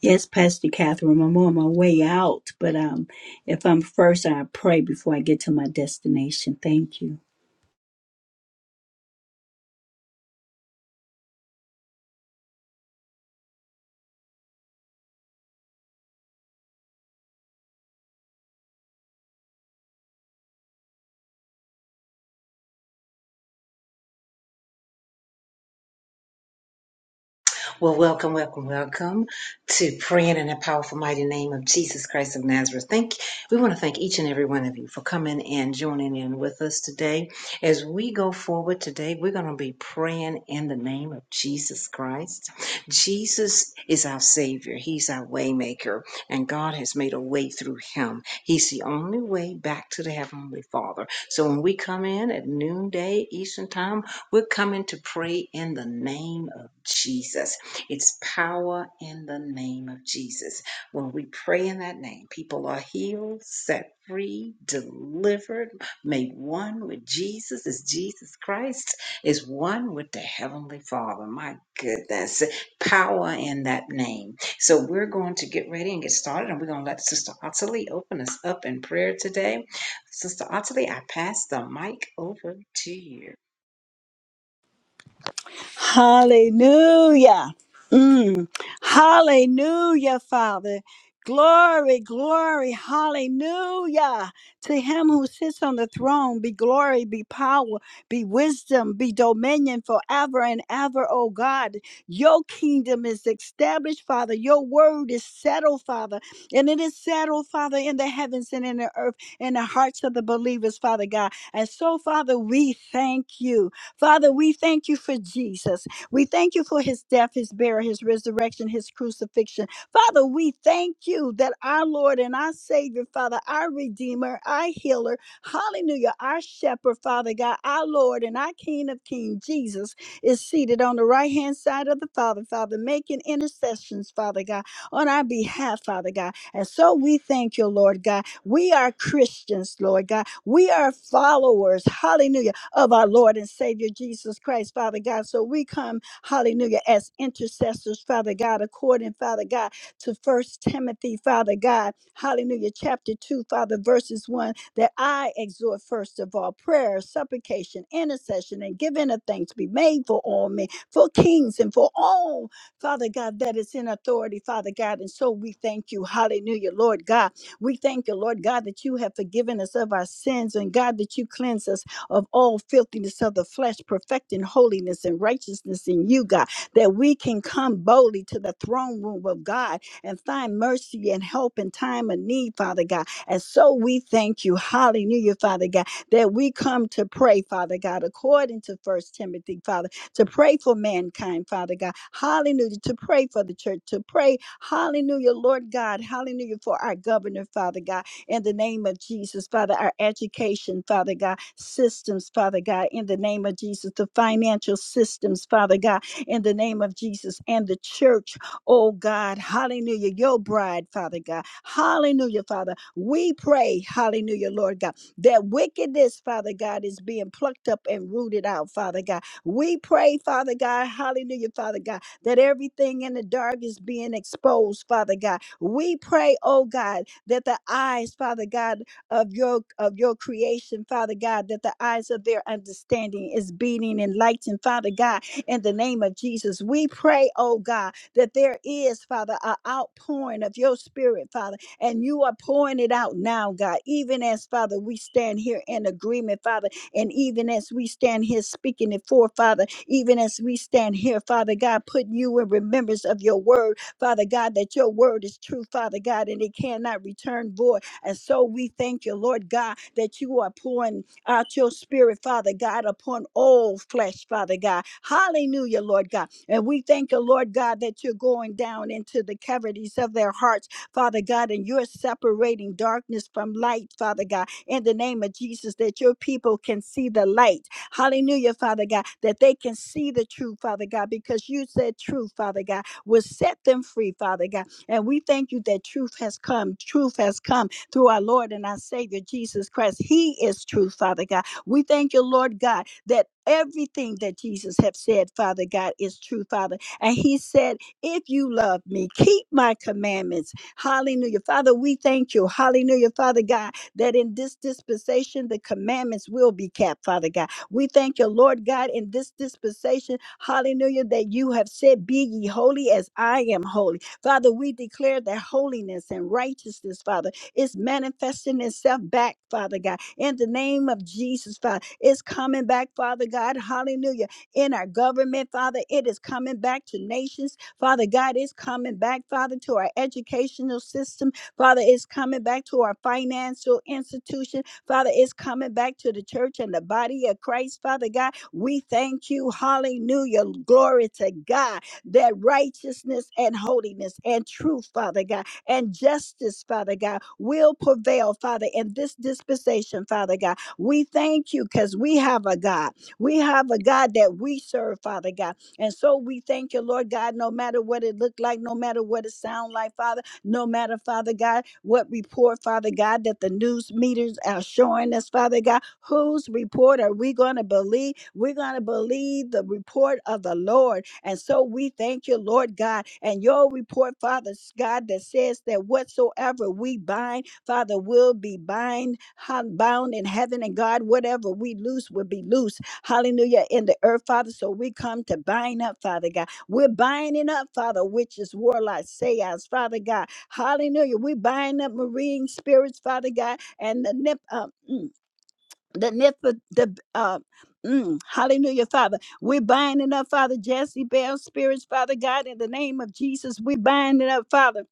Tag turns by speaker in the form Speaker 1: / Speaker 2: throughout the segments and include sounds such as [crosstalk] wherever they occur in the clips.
Speaker 1: Yes, Pastor Catherine, I'm on my way out, but um, if I'm first, I pray before I get to my destination. Thank you.
Speaker 2: Well, welcome, welcome, welcome to praying in the powerful, mighty name of Jesus Christ of Nazareth. Thank we want to thank each and every one of you for coming and joining in with us today. As we go forward today, we're going to be praying in the name of Jesus Christ. Jesus is our Savior. He's our waymaker, and God has made a way through Him. He's the only way back to the heavenly Father. So when we come in at noonday Eastern time, we're coming to pray in the name of Jesus. It's power in the name of Jesus. When we pray in that name, people are healed, set free, delivered, made one with Jesus as Jesus Christ is one with the Heavenly Father. My goodness, power in that name. So we're going to get ready and get started, and we're going to let Sister Ottilie open us up in prayer today. Sister Ottilie, I pass the mic over to you.
Speaker 1: Hallelujah. Mm. Hallelujah, Father. Glory, glory, hallelujah. To him who sits on the throne be glory, be power, be wisdom, be dominion forever and ever, oh God. Your kingdom is established, Father. Your word is settled, Father. And it is settled, Father, in the heavens and in the earth, in the hearts of the believers, Father God. And so, Father, we thank you. Father, we thank you for Jesus. We thank you for his death, his burial, his resurrection, his crucifixion. Father, we thank you that our Lord and our Savior, Father, our Redeemer, our healer, hallelujah, our shepherd, Father God, our Lord and our King of Kings, Jesus, is seated on the right hand side of the Father, Father, making intercessions, Father God, on our behalf, Father God. And so we thank you, Lord God. We are Christians, Lord God. We are followers, hallelujah of our Lord and Savior Jesus Christ, Father God. So we come, hallelujah, as intercessors, Father God, according, Father God, to First Timothy, Father God, hallelujah, chapter 2, Father, verses 1, that I exhort first of all prayer, supplication, intercession, and giving of thanks be made for all men, for kings and for all, Father God, that is in authority, Father God. And so we thank you, hallelujah, Lord God. We thank you, Lord God, that you have forgiven us of our sins and God, that you cleanse us of all filthiness of the flesh, perfecting holiness and righteousness in you, God, that we can come boldly to the throne room of God and find mercy and help in time of need, Father God. And so we thank you, hallelujah, Father God, that we come to pray, Father God, according to First Timothy, Father, to pray for mankind, Father God, hallelujah, to pray for the church, to pray, hallelujah, Lord God, hallelujah, for our governor, Father God in the name of Jesus, Father, our education, Father God, systems, Father God, in the name of Jesus, the financial systems, Father God, in the name of Jesus, and the church, oh God, hallelujah, your bride, Father God, hallelujah, Father, we pray, hallelujah, Lord God, that wickedness, Father God, is being plucked up and rooted out, Father God. We pray, Father God, hallelujah, Father God, that everything in the dark is being exposed, Father God, we pray, oh God, that the eyes, Father God, of your of your creation, Father God, that the eyes of their understanding is being enlightened, Father God, in the name of Jesus. We pray, oh God, that there is, Father, an outpouring of your spirit, Father, and you are pouring it out now, God, even as, Father, we stand here in agreement, Father, and even as we stand here speaking it for, Father, even as we stand here, Father God, putting you in remembrance of your word, Father God, that your word is true, Father God, and it cannot return void. And so we thank you, Lord God, that you are pouring out your spirit, Father God, upon all flesh, Father God. Hallelujah, Lord God. And we thank you, Lord God, that you're going down into the cavities of their hearts, Father God, and you're separating darkness from light, Father God, in the name of Jesus, that your people can see the light. Hallelujah, Father God, that they can see the truth, Father God, because you said truth, Father God will set them free, Father God. And we thank you that truth has come. Truth has come through our Lord and our Savior, Jesus Christ. He is truth, Father God. We thank you, Lord God, that everything that Jesus have said, Father God, is true, Father. And he said, if you love me, keep my commandments. Hallelujah. Father, we thank you. Hallelujah, Father God, that in this dispensation, the commandments will be kept, Father God. We thank you, Lord God, in this dispensation, hallelujah, that you have said, Be ye holy as I am holy. Father, we declare that holiness and righteousness, Father, is manifesting itself back, Father God, in the name of Jesus, Father. It's coming back, Father God, hallelujah, in our government, Father. It is coming back to nations, Father God. It's coming back, Father, to our educational system, Father. It's coming back to our financial institutions. Father, it's coming back to the church and the body of Christ, Father God. We thank you. Hallelujah. Glory to God that righteousness and holiness and truth, Father God, and justice, Father God, will prevail, Father, in this dispensation, Father God. We thank you because we have a God. We have a God that we serve, Father God. And so we thank you, Lord God, no matter what it looked like, no matter what it sound like, Father no matter, Father God, what report, Father God, that the news meters are showing us, Father God, whose report are we going to believe? We're going to believe the report of the Lord. And so we thank you, Lord God, and your report, Father God, that says that whatsoever we bind, Father, will be bind, hun- bound in heaven, and God, whatever we loose will be loose. Hallelujah, in the earth, Father. So we come to bind up, Father God. We're binding up, Father, witches, warlocks, sayas, Father God. Hallelujah. We bind up marine spirits, Father God, and the nip, uh, mm, the nip, the, uh, mm, hallelujah, Father. We bind it up, Father, Jesse Bell spirits, Father God, in the name of Jesus. We bind it up, Father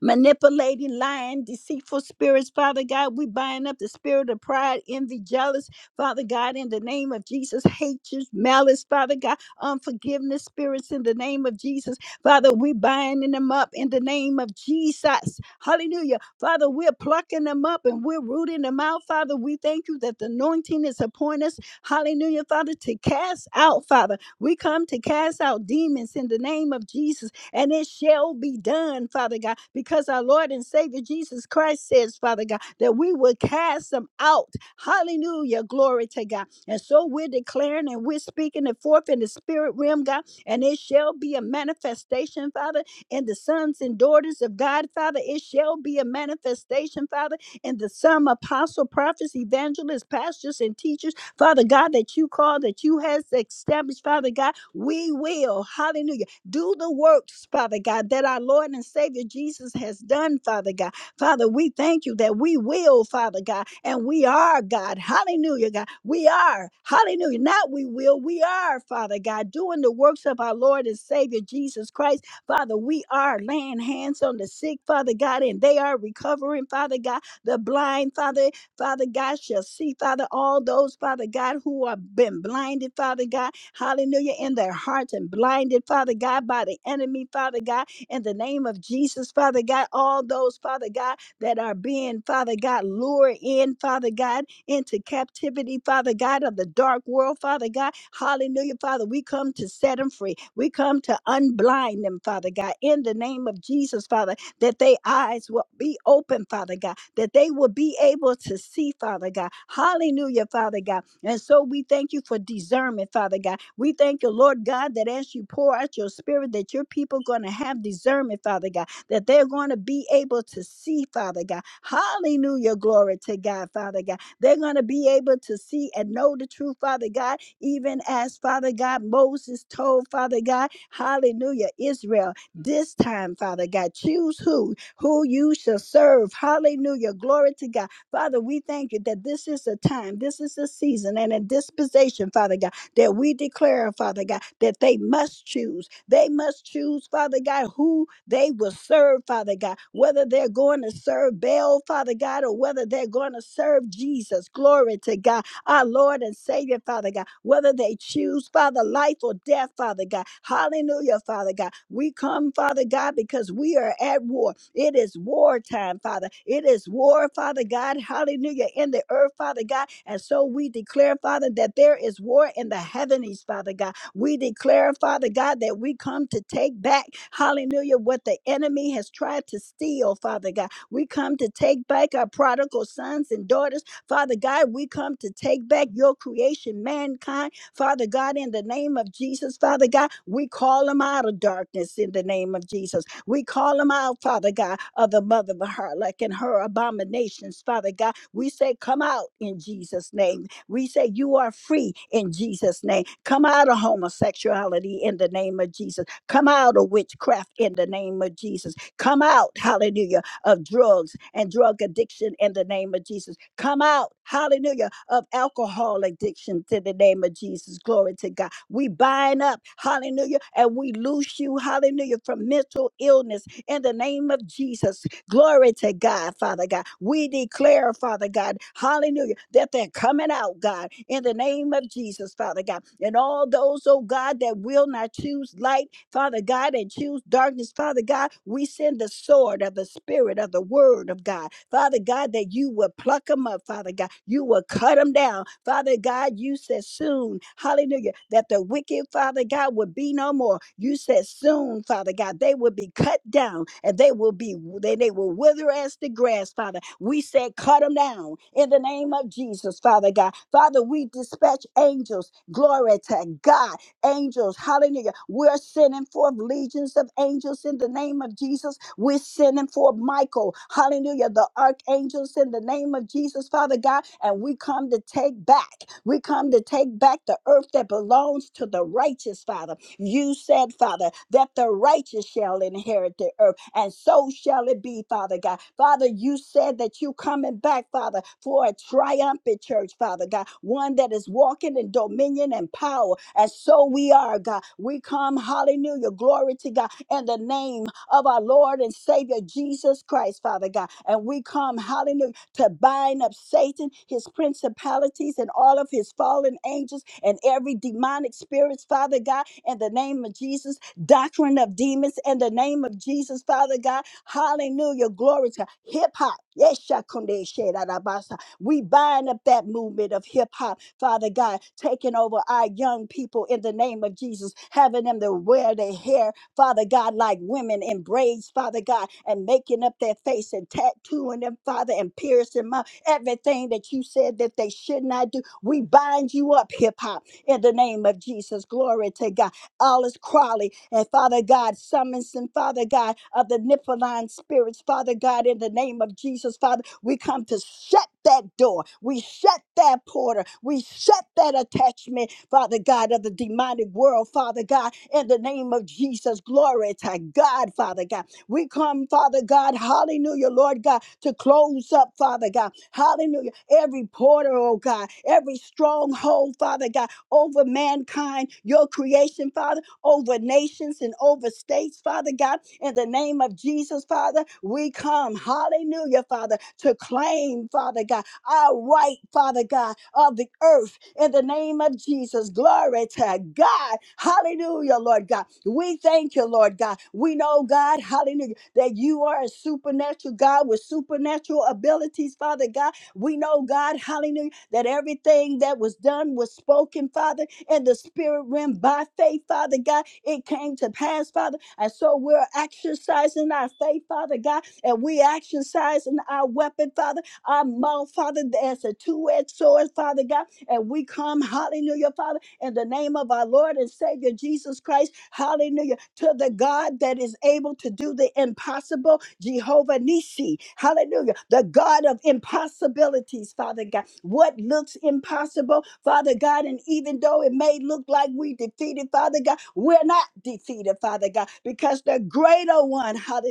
Speaker 1: manipulating, lying, deceitful spirits. Father God, we bind up the spirit of pride, envy, jealous. Father God, in the name of Jesus, hatred, malice. Father God, unforgiveness spirits in the name of Jesus. Father, we binding them up in the name of Jesus. Hallelujah. Father, we're plucking them up and we're rooting them out. Father, we thank you that the anointing is upon us. Hallelujah, Father, to cast out, Father. We come to cast out demons in the name of Jesus and it shall be done, Father God, because our Lord and Savior Jesus Christ says, Father God, that we will cast them out. Hallelujah. Glory to God. And so we're declaring and we're speaking it forth in the spirit realm, God, and it shall be a manifestation, Father, in the sons and daughters of God, Father. It shall be a manifestation, Father, in the some apostle, prophets, evangelists, pastors, and teachers. Father God, that you call, that you has established, Father God, we will, hallelujah do the works, Father God, that our Lord and Savior Jesus has done, Father God. Father, we thank you that we will, Father God, and we are, God. Hallelujah, God. We are. Hallelujah. Not we will, we are, Father God, doing the works of our Lord and Savior Jesus Christ. Father, we are laying hands on the sick, Father God, and they are recovering, Father God. The blind, Father, Father God, shall see, Father, all those, Father God, who have been blinded, Father God hallelujah, in their hearts and blinded, Father God, by the enemy, Father God, in the name of Jesus, Father God, all those, Father God, that are being, Father God, lured in, Father God, into captivity, Father God, of the dark world, Father God, hallelujah, Father, we come to set them free. We come to unblind them, Father God, in the name of Jesus, Father that their eyes will be open, Father God, that they will be able to see, Father God. Hallelujah, Father God. And so we thank you for discernment, Father God. We thank you, Lord God, that as you pour out your spirit, that your people going to have discernment, Father God, that they're going to be able to see, Father God. Hallelujah, glory to God, Father God. They're going to be able to see and know the truth, Father God, even as Father God Moses told, Father God, hallelujah, Israel this time, Father God. Choose who, who you shall serve. Hallelujah. Glory to God. Father, we thank you that this is a time, this is a season and a disposition, Father God, that we declare, Father God, that they must choose. They must choose, Father God, who they will serve, Father God, whether they're going to serve Baal, Father God, or whether they're going to serve Jesus. Glory to God our Lord and Savior, Father God, whether they choose, Father, life or death, Father God. Hallelujah, Father God. We come, Father God, because we are at war. It is war time, Father. It is war, Father God. Hallelujah, in the earth, Father God. And so we declare, Father, that there is war in the heavens, Father God. We declare, Father God, that we come to take back, hallelujah, what the enemy has tried to steal, Father God. We come to take back our prodigal sons and daughters Father God, we come to take back your creation, mankind. Father God, in the name of Jesus, Father God, we call them out of darkness in the name of Jesus. We call them out, Father God, of the mother of harlot and her abominations, Father God. We say, come out in Jesus' name. We say, you are free in Jesus' name. Come out of homosexuality in the name of Jesus. Come out of witchcraft in the name of Jesus. Come out, hallelujah, of drugs and drug addiction in the name of Jesus Come out, hallelujah, of alcohol addiction to the name of Jesus. Glory to God. We bind up, hallelujah, and we loose you, hallelujah, from mental illness in the name of Jesus. Glory to God, Father God. We declare, Father God, hallelujah, that they're coming out, God, in the name of Jesus, Father God. And all those, oh God, that will not choose light, Father God, and choose darkness, Father God, we send the sword of the Spirit of the Word of God, Father God, that you will pluck them up, Father God. You will you will cut them down. Father God, you said soon, hallelujah, that the wicked, Father God, would be no more. You said soon, Father God, they would be cut down and they will be, they, they will wither as the grass, Father. We said, cut them down in the name of Jesus, Father God. Father, we dispatch angels, glory to God angels. Hallelujah. We're sending forth legions of angels in the name of Jesus. We're sending forth Michael. Hallelujah. The archangels in the name of Jesus, Father God. And we come to take back. We come to take back the earth that belongs to the righteous, Father. You said, Father, that the righteous shall inherit the earth, and so shall it be, Father God. Father, you said that you coming back, Father, for a triumphant church, Father God, one that is walking in dominion and power. And so we are, God. We come, hallelujah, glory to God, in the name of our Lord and Savior Jesus Christ, Father God. And we come, hallelujah to bind up Satan, his principalities, and all of his fallen angels and every demonic spirits, Father God, in the name of Jesus, doctrine of demons, in the name of Jesus, Father God. Hallelujah. Glory to hip hop. Yes, Shakunde Shedadabasa. We bind up that movement of hip hop, Father God, taking over our young people in the name of Jesus, having them to wear their hair Father God, like women in braids, Father God, and making up their face and tattooing them, Father, and piercing them up. Everything that you said that they should not do, we bind you up, hip hop, in the name of Jesus. Glory to God. Alice Crawley and Father God, summons and Father God of the Nippoline spirits, Father God, in the name of Jesus, Father, we come to shut that door. We shut that porter. We shut that attachment Father God, of the demonic world, Father God, in the name of Jesus. Glory to God, Father God. We come, Father God, hallelujah, Lord God, to close up, Father God, hallelujah, every portal, oh God, every stronghold, Father God, over mankind, your creation, Father, over nations and over states, Father God, in the name of Jesus, Father, we come, hallelujah, Father, to claim, Father God, our right, Father God, of the earth in the name of Jesus. Glory to God. Hallelujah, Lord God. We thank you, Lord God. We know, God, hallelujah, that you are a supernatural God with supernatural abilities, Father God. We know, God, hallelujah, that everything that was done was spoken, Father, in the spirit realm by faith, Father God. It came to pass, Father. And so we're exercising our faith, Father God, and we exercising our weapon, Father our mouth, Father, as a two-edged sword, Father God. And we come, hallelujah, Father, in the name of our Lord and Savior Jesus Christ, hallelujah, to the God that is able to do the impossible, Jehovah Nisi, hallelujah, the God of impossibilities, Father God. What looks impossible, Father God, and even though it may look like we defeated, Father God, we're not defeated, Father God, because the greater one, hallelujah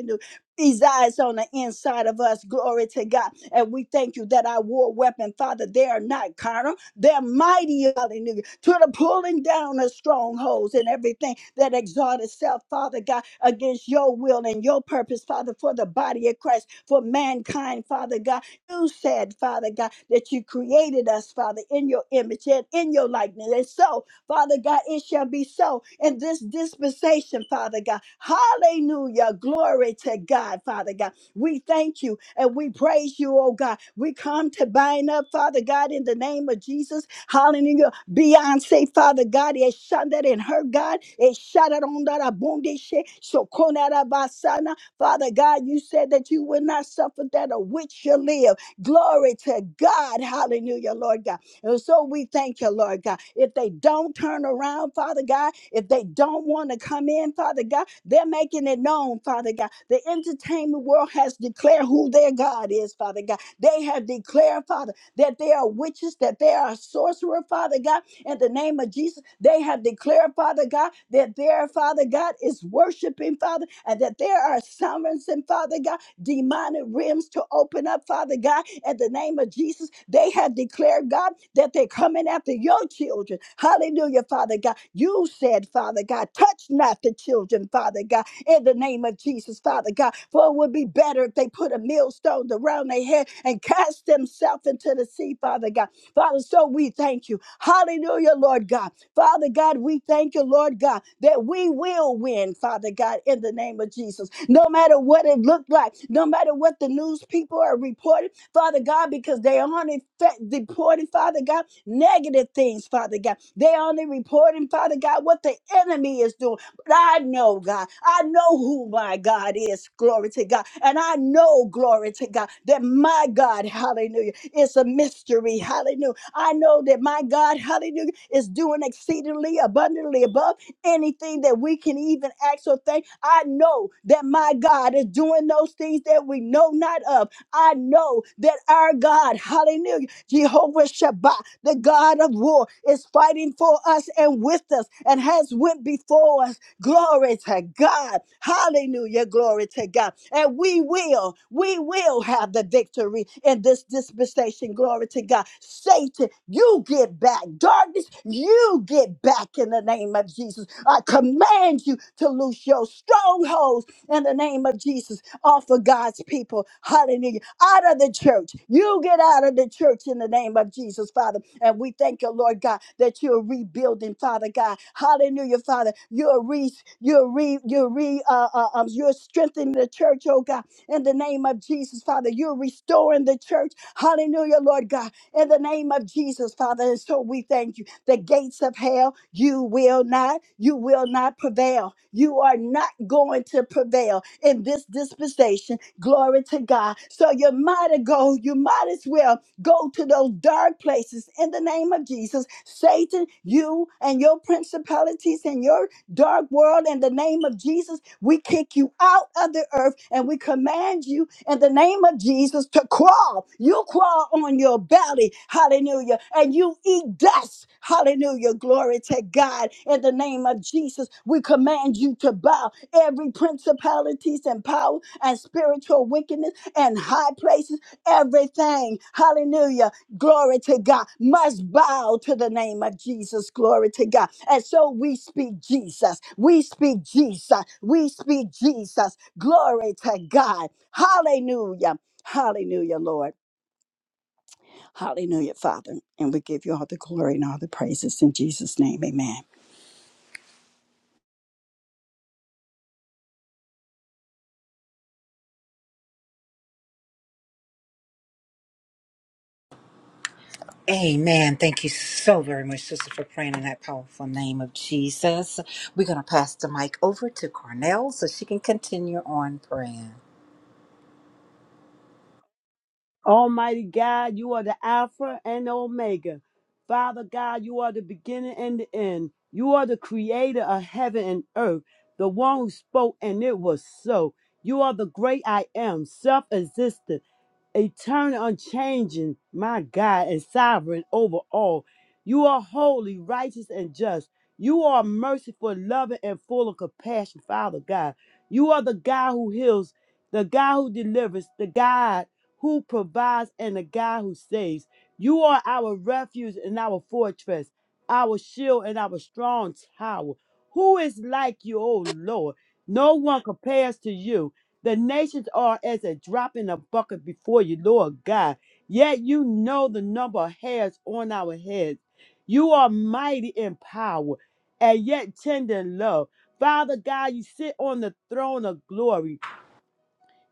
Speaker 1: resides on the inside of us. Glory to God. And we thank you that our war weapon, Father, they are not carnal. They're mighty, hallelujah, to the pulling down of strongholds and everything that exalt itself, Father God, against your will and your purpose, Father, for the body of Christ, for mankind, Father God. You said, Father God, that you created us, Father, in your image and in your likeness. And so, Father God, it shall be so in this dispensation, Father God. Hallelujah. Glory to God, Father God. We thank you and we praise you, oh God. We come to bind up, Father God, in the name of Jesus. Hallelujah. Beyonce, Father God, it shanded in her God. It shattered on that abundance. So basana. Father God, you said that you would not suffer that a witch shall live. Glory to God. Hallelujah, Lord God. And so we thank you, Lord God. If they don't turn around, Father God, if they don't want to come in, Father God, they're making it known, Father God. The entertainment world has declared who their God is, Father God. They have declared, Father, that they are witches, that they are sorcerer, Father God. In the name of Jesus, they have declared, Father God, that their Father God is worshiping, Father, and that there are summons, and Father God demonic realms to open up, Father God, in the name of Jesus. They have declared, God, that they're coming after your children. Hallelujah, Father God. You said, Father God, touch not the children, Father God, in the name of Jesus, Father God. For it would be better if they put a millstone around their head and cast themselves into the sea, Father God. Father, so we thank you. Hallelujah, Lord God Father God, we thank you, Lord God, that we will win, Father God, in the name of Jesus. No matter what it looked like, no matter what the news people are reporting, Father God, because they only reporting, Father God, negative things, Father God. They only reporting, Father God, what the enemy is doing. But I know, God, I know who my God is, glory to God. And I know, glory to God, that my God, hallelujah, is a mystery, hallelujah. I know that my God, hallelujah, is doing exceedingly abundantly above anything that we can even ask or think. I know that my God is doing those things that we know not of. I know that our God, hallelujah, Jehovah Shabbat, the God of war, is fighting for us and with us and has went before us Glory to God. Hallelujah. Glory to God. And we will, we will have the victory in this dispensation. Glory to God. Satan, you get back. Darkness, you get back in the name of Jesus. I command you to loose your strongholds in the name of Jesus off of God's people. Hallelujah. Out of the church. You get out of the church in the name of Jesus, Father. And we thank you, Lord God, that you're rebuilding, Father God. Hallelujah, Father. You're re, you're re, you're re, uh, uh, um, you're strengthening the church, oh God, in the name of Jesus, Father. You're restoring the church. Hallelujah, Lord God, in the name of Jesus, Father. And so we thank you. The gates of hell, you will not, you will not prevail. You are not going to prevail in this dispensation. Glory to God. So you might as go, you might as well go to those dark places in the name of Jesus. Satan, you and your principalities and your Dark world, in the name of Jesus, we kick you out of the earth and we command you in the name of Jesus to crawl. You crawl on your belly, hallelujah, and you eat dust, hallelujah. Glory to God. In the name of Jesus, we command you to bow every principalities and power and spiritual wickedness and high places, everything, hallelujah, glory to God, must bow to the name of Jesus, glory to God. And so we speak Jesus, we speak Jesus, we speak Jesus, glory to God. Hallelujah, hallelujah, Lord, hallelujah, Father. And we give you all the glory and all the praises in Jesus' name, amen.
Speaker 3: Amen. Thank you so very much, sister, for praying in that powerful name of Jesus. We're going to pass the mic over to Cornell so she can continue on praying.
Speaker 4: Almighty God, you are the Alpha and Omega. Father God, you are the beginning and the end. You are the creator of heaven and earth, the one who spoke and it was so. You are the great I am, self existent eternal, unchanging, my God, and sovereign over all. You are holy, righteous, and just. You are merciful, loving, and full of compassion, Father God. You are the God who heals, the God who delivers, the God who provides, and the God who saves. You are our refuge and our fortress, our shield and our strong tower. Who is like you, O Lord? No one compares to you. The nations are as a drop in a bucket before you, Lord God. Yet you know the number of hairs on our heads. You are mighty in power and yet tender in love. Father God, you sit on the throne of glory.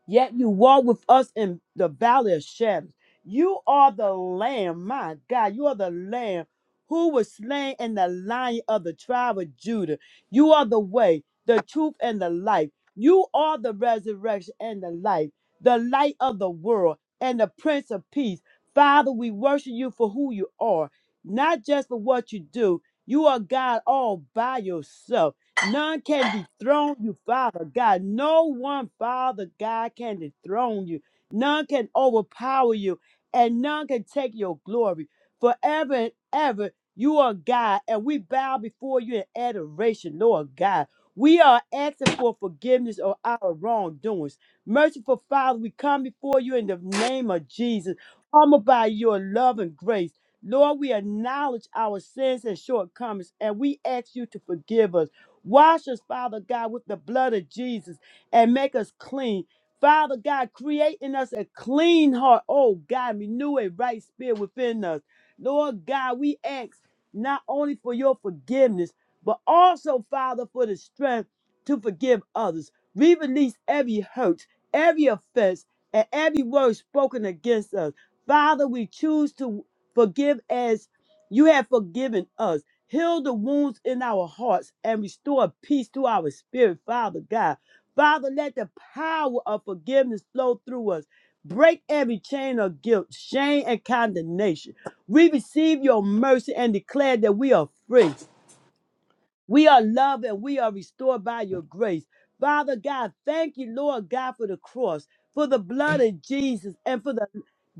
Speaker 4: Yet you walk with us in the valley of shadows. You are the Lamb, my God. You are the Lamb who was slain in the lion of the tribe of Judah. You are the way, the truth, and the life. You are the resurrection and the life, the light of the world, and the Prince of Peace. Father, we worship you for who you are, not just for what you do. You are God all by yourself. None can dethrone you, Father God. No one, Father God, can dethrone you. None can overpower you, and none can take your glory. Forever and ever, you are God, and we bow before you in adoration, Lord God. We are asking for forgiveness of our wrongdoings. Merciful Father, we come before you in the name of Jesus, humbled by your love and grace. Lord, we acknowledge our sins and shortcomings, and we ask you to forgive us. Wash us, Father God, with the blood of Jesus and make us clean. Father God, create in us a clean heart. Oh God, renew a right spirit within us. Lord God, we ask not only for your forgiveness, but also, Father, for the strength to forgive others. We release every hurt, every offense, and every word spoken against us. Father, we choose to forgive as you have forgiven us. Heal the wounds in our hearts and restore peace to our spirit, Father God. Father, let the power of forgiveness flow through us. Break every chain of guilt, shame, and condemnation. We receive your mercy and declare that we are free. We are loved and we are restored by your grace. Father God, thank you, Lord God, for the cross, for the blood of Jesus, and for the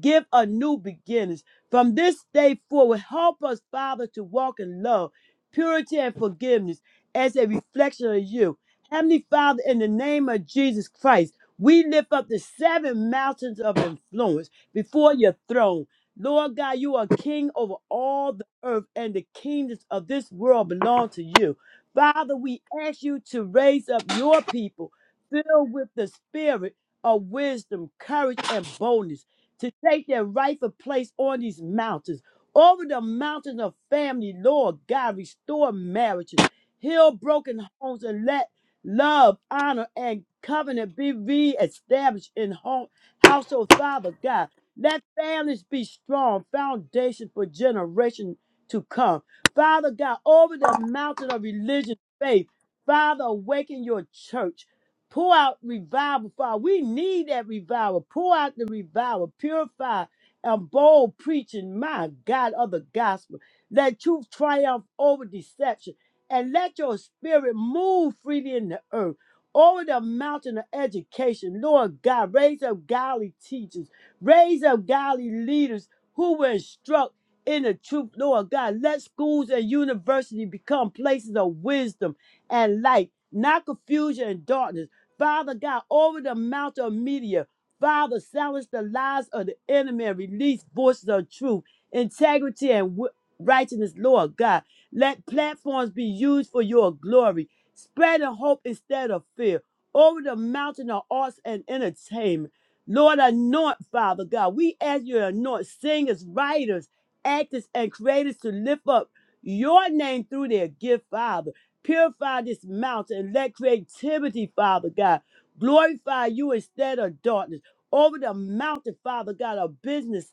Speaker 4: gift of new beginnings. From this day forward, help us, Father, to walk in love, purity, and forgiveness as a reflection of you. Heavenly Father, in the name of Jesus Christ, we lift up the seven mountains of influence before your throne. Lord God, you are king over all the earth, and the kingdoms of this world belong to you. Father, we ask you to raise up your people filled with the spirit of wisdom, courage, and boldness to take their rightful place on these mountains. Over the mountains of family, Lord God, restore marriages, heal broken homes, and let love, honor, and covenant be reestablished in home, household, Father God. Let families be strong, foundation for generation to come. Father God, over the mountain of religious faith. Father, awaken your church. Pour out revival, Father. We need that revival. Pour out the revival. Purify and bold preaching, my God, of the gospel. Let truth triumph over deception. And let your spirit move freely in the earth. Over the mountain of education, Lord God, raise up godly teachers. Raise up godly leaders who will instruct in the truth, Lord God. Let schools and universities become places of wisdom and light, not confusion and darkness. Father God, over the mountain of media, Father, silence the lies of the enemy and release voices of truth, integrity, and wi- righteousness, Lord God. Let platforms be used for your glory, spreading hope instead of fear. Over the mountain of arts and entertainment, Lord, anoint, Father God. We ask you to anoint singers, writers, actors, and creators to lift up your name through their gift, Father. Purify this mountain and let creativity, Father God, glorify you instead of darkness. Over the mountain, Father God, of business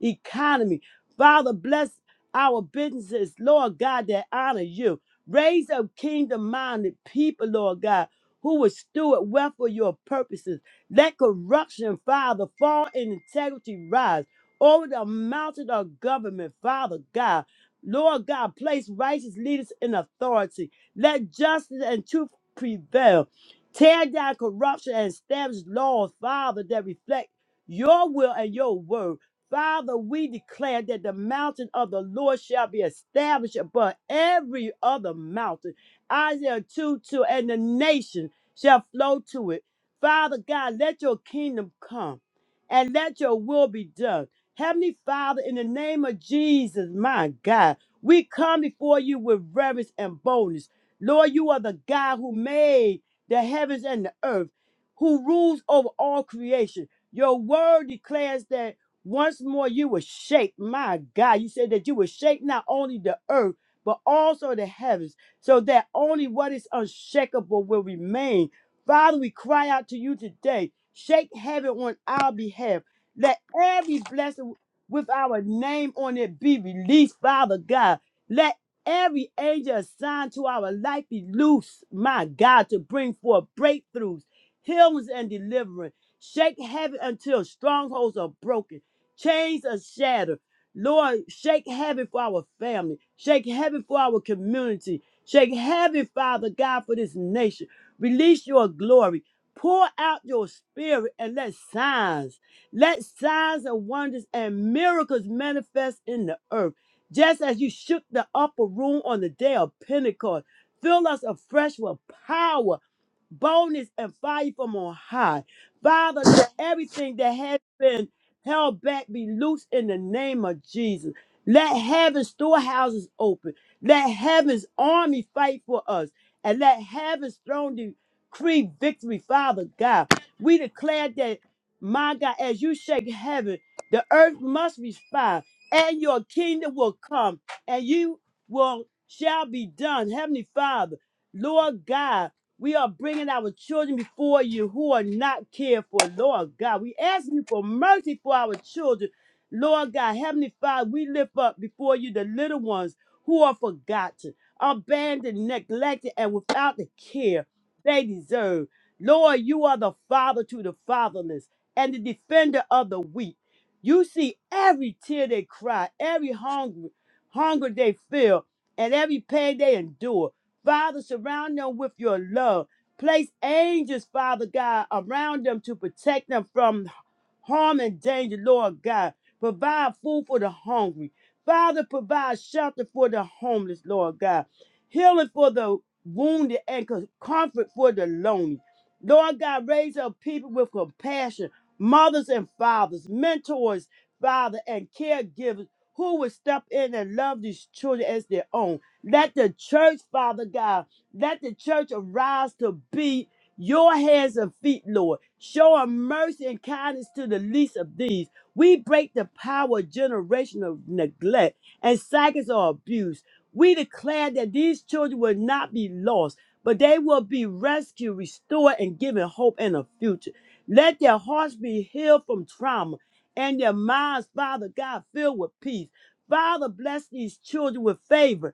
Speaker 4: economy. Father, bless our businesses, Lord God, that honor you. Raise up kingdom minded people, Lord God, who will steward well for your purposes. Let corruption, Father, fall and integrity rise over the mountain of government, Father God. Lord God, place righteous leaders in authority. Let justice and truth prevail. Tear down corruption and establish laws, Father, that reflect your will and your word. Father, we declare that the mountain of the Lord shall be established above every other mountain. Isaiah 2 2, and the nation shall flow to it. Father God, let your kingdom come and let your will be done. Heavenly Father, in the name of Jesus, my God, we come before you with reverence and boldness. Lord, you are the God who made the heavens and the earth, who rules over all creation. Your word declares that. Once more, you will shake, my God. You said that you will shake not only the earth, but also the heavens, so that only what is unshakable will remain. Father, we cry out to you today. Shake heaven on our behalf. Let every blessing with our name on it be released, Father God. Let every angel assigned to our life be loose, my God, to bring forth breakthroughs, healings, and deliverance. Shake heaven until strongholds are broken. Chains are shattered. Lord, shake heaven for our family. Shake heaven for our community. Shake heaven, Father God, for this nation. Release your glory. Pour out your spirit and let signs, let signs and wonders and miracles manifest in the earth. Just as you shook the upper room on the day of Pentecost, fill us afresh with power boldness and fire from on high. Father, let everything that has been held back be loose in the name of Jesus. Let heaven's storehouses open. Let heaven's army fight for us. And let heaven's throne decree victory, Father God. We declare that, my God, as you shake heaven, the earth must respond, and your kingdom will come, and you will shall be done. Heavenly Father, Lord God. We are bringing our children before you who are not cared for, Lord God. We ask you for mercy for our children. Lord God, Heavenly Father, we lift up before you the little ones who are forgotten, abandoned, neglected, and without the care they deserve. Lord, you are the father to the fatherless and the defender of the weak. You see every tear they cry, every hunger, hunger they feel, and every pain they endure. Father, surround them with your love. Place angels, Father God, around them to protect them from harm and danger, Lord God. Provide food for the hungry. Father, provide shelter for the homeless, Lord God. Healing for the wounded and co- comfort for the lonely. Lord God, raise up people with compassion, mothers and fathers, mentors, Father, and caregivers who will step in and love these children as their own. Let the church, Father God, let the church arise to be your hands and feet, Lord. Show a mercy and kindness to the least of these. We break the power of generational neglect and cycles of abuse. We declare that these children will not be lost, but they will be rescued, restored, and given hope and a future. Let their hearts be healed from trauma and their minds, Father God, filled with peace. Father, bless these children with favor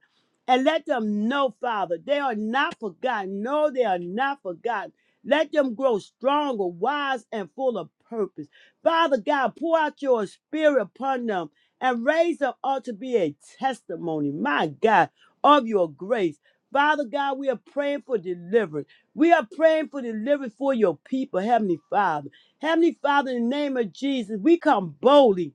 Speaker 4: and let them know, Father, they are not forgotten. No, they are not forgotten. Let them grow stronger, wise, and full of purpose. Father God, pour out your spirit upon them and raise them up to be a testimony, my God, of your grace. Father God, we are praying for deliverance. We are praying for deliverance for your people, Heavenly Father. Heavenly Father, in the name of Jesus, we come boldly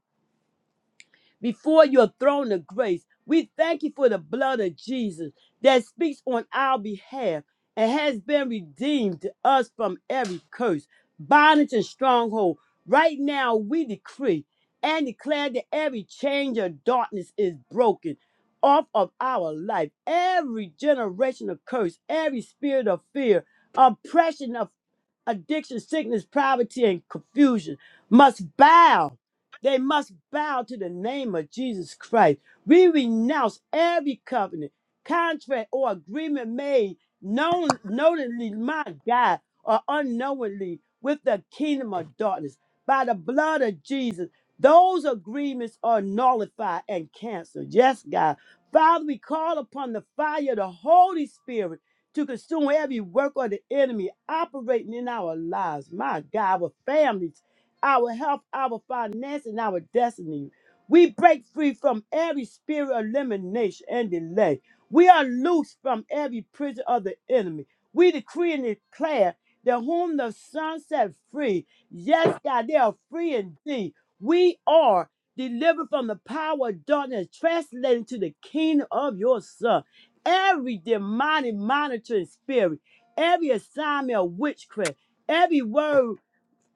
Speaker 4: before your throne of grace. We thank you for the blood of Jesus that speaks on our behalf and has been redeemed us from every curse, bondage, and stronghold. Right now, we decree and declare that every change of darkness is broken off of our life. Every generation of curse, every spirit of fear, oppression, addiction, sickness, poverty, and confusion must bow. They must bow to the name of Jesus Christ. We renounce every covenant, contract, or agreement made known, knowingly, my God, or unknowingly with the kingdom of darkness. By the blood of Jesus, those agreements are nullified and canceled. Yes, God. Father, we call upon the fire of the Holy Spirit to consume every work of the enemy operating in our lives. My God, our families, our health, our finance, and our destiny. We break free from every spirit of elimination and delay. We are loose from every prison of the enemy. We decree and declare that whom the Son set free, yes, God, they are free indeed. We are delivered from the power of darkness, translated to the kingdom of your Son every demonic monitoring spirit, every assignment of witchcraft, every word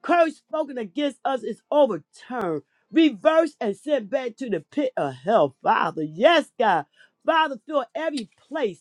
Speaker 4: curse spoken against us is overturned, reversed, and sent back to the pit of hell, Father. Yes, God. Father, fill every place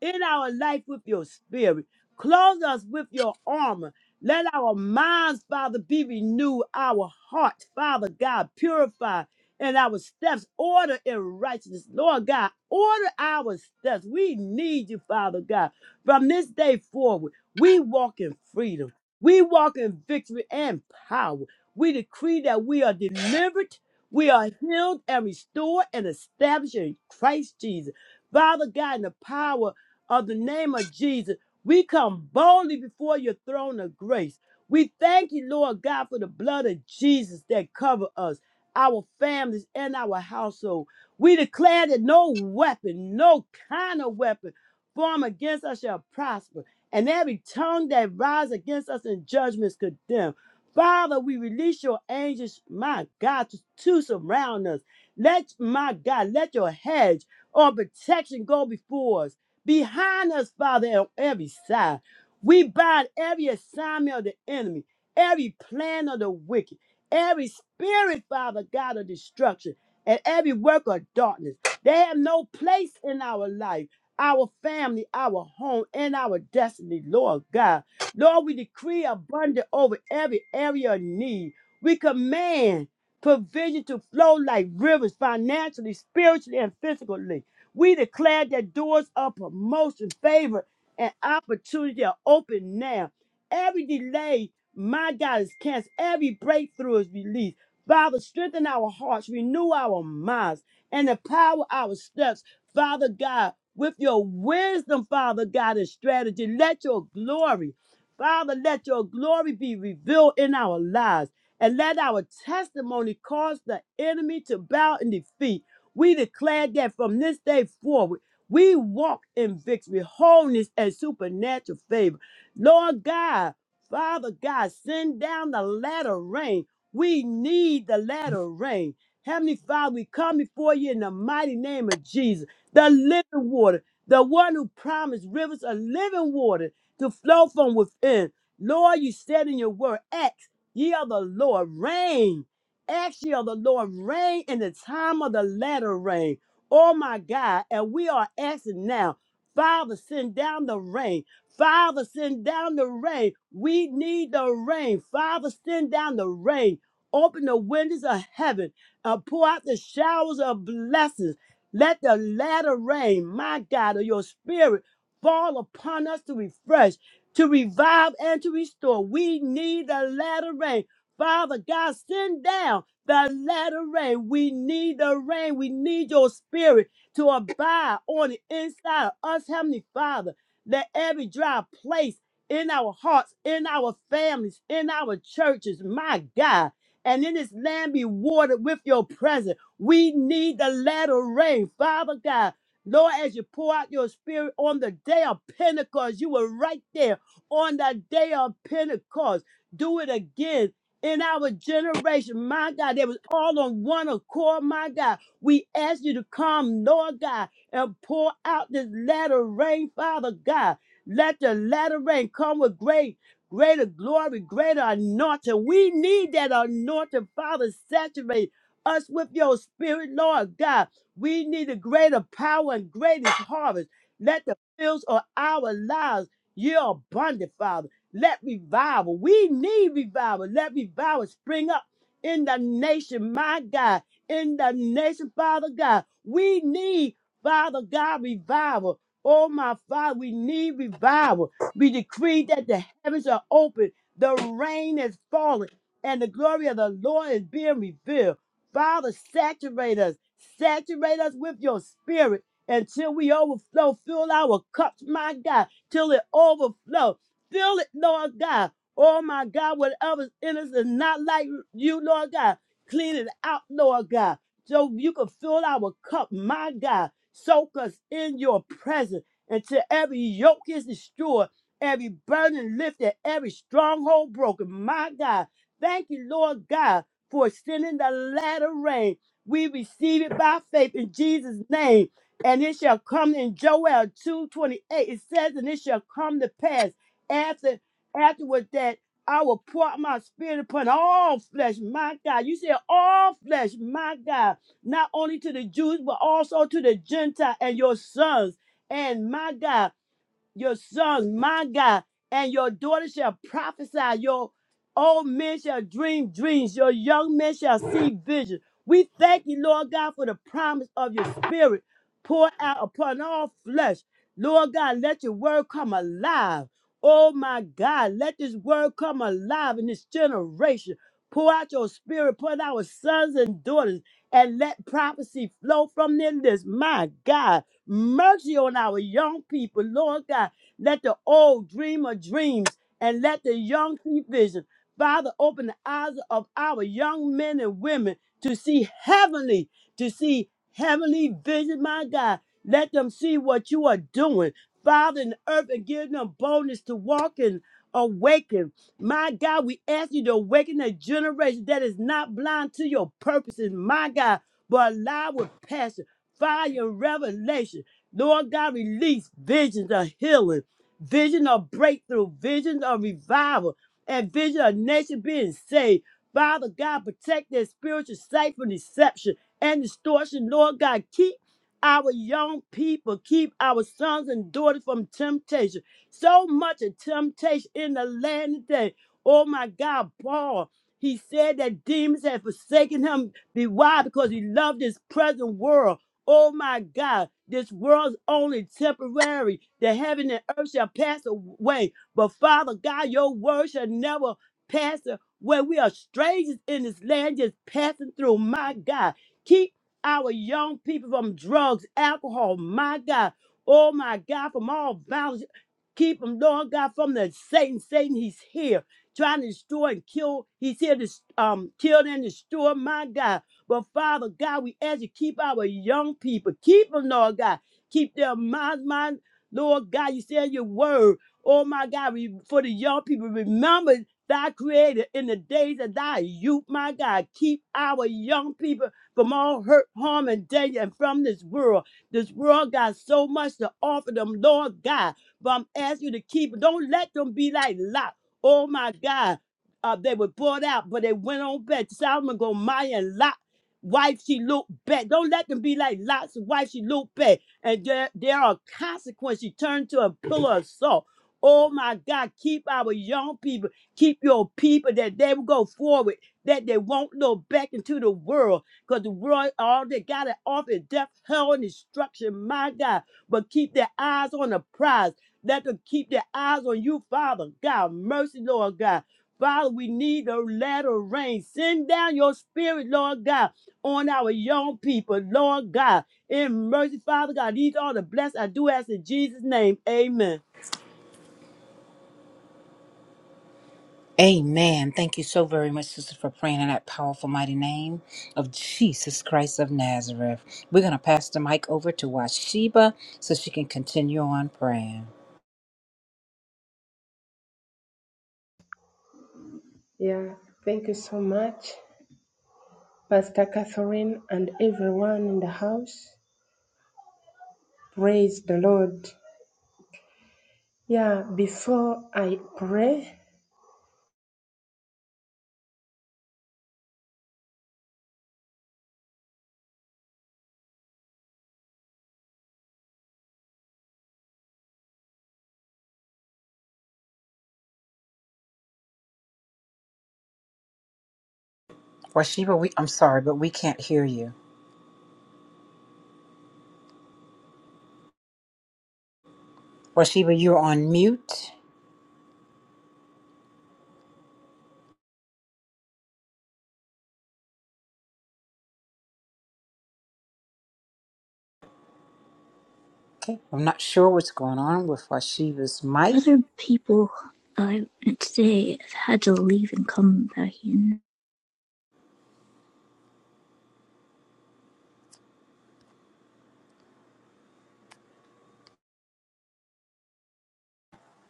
Speaker 4: in our life with your spirit. Clothe us with your armor. Let our minds, Father, be renewed. Our hearts, Father God, purify. And our steps order in righteousness. Lord God, order our steps. We need you, Father God. From this day forward, we walk in freedom. We walk in victory and power. We decree that we are delivered, we are healed and restored and established in Christ Jesus. Father God, in the power of the name of Jesus, we come boldly before your throne of grace. We thank you, Lord God, for the blood of Jesus that cover us, our families, and our household. We declare that no weapon, no kind of weapon formed against us shall prosper, and every tongue that rises against us in judgment is condemned. Father, we release your angels, my God, to, to surround us. Let, my God, let your hedge or protection go before us behind us, Father, on every side. We bind every assignment of the enemy, every plan of the wicked, every spirit, Father God, of destruction, and every work of darkness. They have no place in our life, our family, our home, and our destiny, Lord God. Lord, we decree abundant over every area of need. We command provision to flow like rivers financially, spiritually, and physically. We declare that doors of promotion, favor, and opportunity are open now. Every delay, my God, is canceled. Every breakthrough is released. Father, strengthen our hearts, renew our minds, and empower our steps, Father God, with your wisdom, Father God, and strategy. Let your glory, Father, let your glory be revealed in our lives. And let our testimony cause the enemy to bow in defeat. We declare that from this day forward, we walk in victory, wholeness, and supernatural favor. Lord God, Father God, send down the latter rain. We need the latter rain. Heavenly Father, we come before you in the mighty name of Jesus, the living water, the one who promised rivers of living water to flow from within. Lord, you said in your word, Acts, ye are the Lord, reign. Ask ye of the Lord rain in the time of the latter rain. Oh my God. And we are asking now, Father, send down the rain. Father, send down the rain. We need the rain. Father, send down the rain. Open the windows of heaven and pour out the showers of blessings. Let the latter rain, my God, of your spirit fall upon us to refresh, to revive, and to restore. We need the latter rain. Father God, send down the latter rain. We need the rain. We need your spirit to abide on the inside of us, Heavenly Father. Let every dry place in our hearts, in our families, in our churches, my God, and in this land be watered with your presence. We need the latter rain, Father God. Lord, as you pour out your spirit on the day of Pentecost, you were right there on the day of Pentecost. Do it again in our generation, my God, they was all on one accord, my God. We ask you to come, Lord God, and pour out this latter rain, Father God. Let the latter rain come with great, greater glory, greater anointing. We need that anointing, Father. Saturate us with your spirit, Lord God. We need a greater power and greatest harvest. Let the fields of our lives yield abundant, Father. Let revival, we need revival. Let revival spring up in the nation, my God, in the nation, Father God. We need, Father God, revival. Oh, my Father, we need revival. We decree that the heavens are open, the rain is falling, and the glory of the Lord is being revealed. Father, saturate us, saturate us with your spirit until we overflow. Fill our cups, my God, till it overflows. Fill it, Lord God. Oh my God, whatever's in us is not like you, Lord God. Clean it out, Lord God. So you can fill our cup, my God. Soak us in your presence until every yoke is destroyed, every burden lifted, every stronghold broken, my God. Thank you, Lord God, for sending the latter rain. We receive it by faith in Jesus' name. And it shall come in Joel 2:28. It says, and it shall come to pass after afterward that I will pour out my spirit upon all flesh, my God. You said all flesh, my God, not only to the Jews, but also to the Gentile and your sons. And my God your sons, my God, and your daughters shall prophesy. Your old men shall dream dreams. Your young men shall see visions. We thank you, Lord God, for the promise of your spirit poured out upon all flesh. Lord God, let your word come alive. Oh my God, let this word come alive in this generation. Pour out your spirit, pour out our sons and daughters, and let prophecy flow from them. This, my God. Mercy on our young people, Lord God. Let the old dream of dreams and let the young see vision. Father, open the eyes of our young men and women to see heavenly, to see heavenly vision, my God. Let them see what you are doing, Father, in the earth, and give them boldness to walk and awaken. My God, we ask you to awaken a generation that is not blind to your purposes, my God, but alive with passion fire and revelation. Lord God, release visions of healing, vision of breakthrough, vision of revival, and vision of nation being saved. Father God, protect their spiritual sight from deception and distortion. Lord God, keep our young people, keep our sons and daughters from temptation. So much of temptation in the land today. Oh my God, Paul, he said that demons had forsaken him. Be why? Because he loved this present world Oh my God, this world's only temporary. The heaven and earth shall pass away. But Father God, your word shall never pass away. We are strangers in this land just passing through. My God, keep our young people from drugs, alcohol. My God, oh my God, from all violence. Keep them, Lord God, from the Satan. Satan, he's here trying to destroy and kill. He's here to um, kill and destroy. My God. But Father God, we ask you keep our young people, keep them, Lord God, keep their minds, mind, Lord God. You said in your word, oh my God, we, for the young people, remember thy creator in the days of thy youth, my God. Keep our young people from all hurt, harm, and danger, and from this world. This world got so much to offer them, Lord God. But I'm asking you to keep. them. Don't let them be like Lot. Oh my God. Uh, they were bought out, but they went on back. Solomon go, Maya and Lot wife she looked back. Don't let them be like Lot's wife. She looked back, and there there are consequences. She turned to a pillar of salt. Oh my God, keep our young people, keep your people that they will go forward, that they won't look back into the world, because the world, all they got it off is death, hell, and destruction, my God. But keep their eyes on the prize. Let them keep their eyes on you, Father God. Mercy, Lord God. Father, we need a latter rain. Send down your spirit, Lord God on our young people, Lord God. In mercy, Father God, these are the blessed I do ask in Jesus' name. Amen.
Speaker 3: Amen. Thank you so very much, sister, for praying in that powerful, mighty name of Jesus Christ of Nazareth. We're going to pass the mic over to Washiba so she can continue on praying.
Speaker 5: Yeah, thank you so much, Pastor Catherine, and everyone in the house. Praise the Lord. Yeah, before I pray,
Speaker 3: Washiba, we, I'm sorry, but we can't hear you. Washiba, you're on mute. Okay. I'm not sure what's going on with Washiba's mic.
Speaker 6: Other people I would say have had to leave and come back in.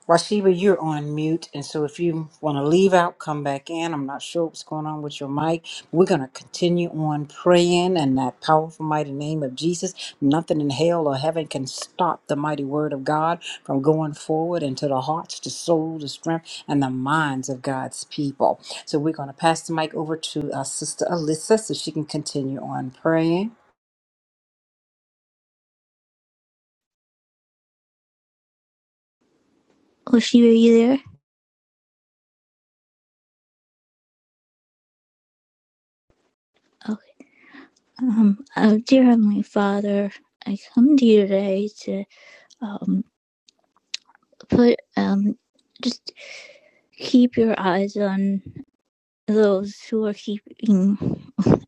Speaker 3: Washiba, you're on mute, and so if you want to leave out, come back in. I'm not sure what's going on with your mic. We're going to continue on praying in that powerful, mighty name of Jesus. Nothing in hell or heaven can stop the mighty word of God from going forward into the hearts, the soul, the strength, and the minds of God's people. So we're going to pass the mic over to our sister Alyssa so she can continue on praying.
Speaker 6: Oh, Shiva, are you there? Okay. Um, oh, dear Heavenly Father, I come to you today to um put um just keep your eyes on those who are keeping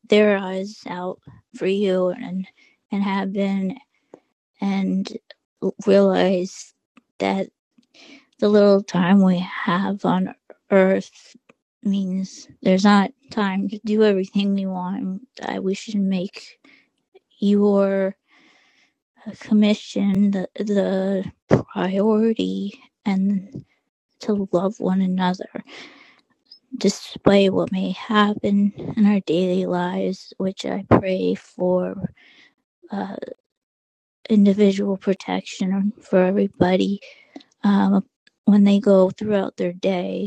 Speaker 6: their eyes out for you and and have been and realize that the little time we have on earth means there's not time to do everything we want. I, we should make your commission the, the priority and to love one another, despite what may happen in our daily lives, which I pray for uh, individual protection for everybody um, when they go throughout their day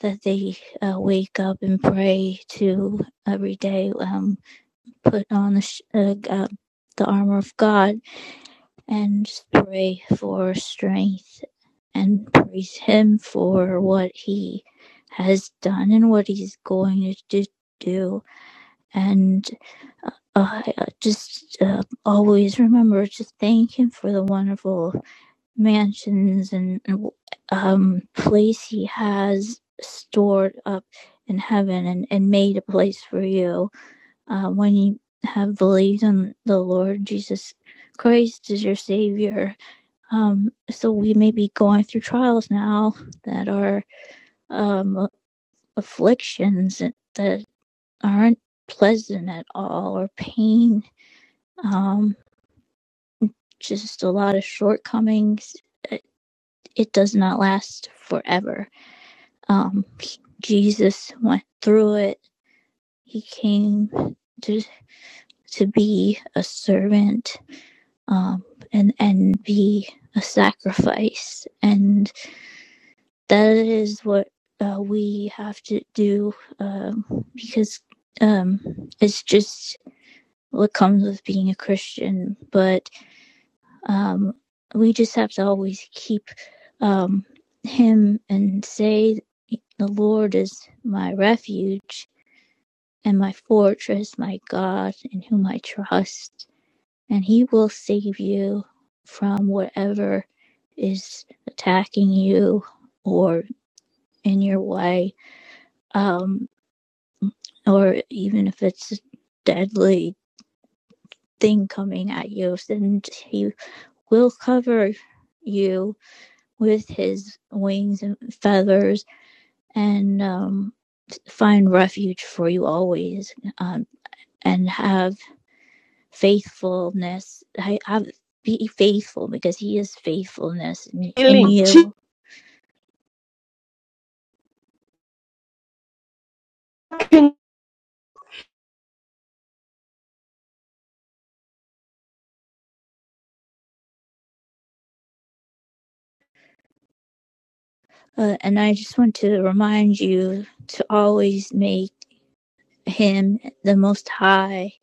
Speaker 6: that they uh, wake up and pray to every day. Um, put on the sh- uh, uh, the armor of God and just pray for strength and praise Him for what He has done and what He's going to do. And uh, I, uh, just uh, always remember to thank Him for the wonderful mansions and um, place he has stored up in heaven and, and made a place for you. Uh, when you have believed on the Lord Jesus Christ as your Savior. Um, so we may be going through trials now that are um, afflictions that aren't pleasant at all or pain, um, just a lot of shortcomings. It, it does not last forever um, Jesus went through it. He came to to be a servant um, and and be a sacrifice, and that is what uh, we have to do um, because um, it's just what comes with being a Christian. But um, we just have to always keep um, Him and say, "The Lord is my refuge." and my fortress, my God, in whom I trust, and he will save you from whatever is attacking you or in your way, um, or even if it's a deadly thing coming at you, And he will cover you with his wings and feathers and um, find refuge for you always um, and have faithfulness. I have be faithful because He is faithfulness in, in
Speaker 5: healing, chicken
Speaker 6: you. Uh, and I just want to remind you to always make Him the Most High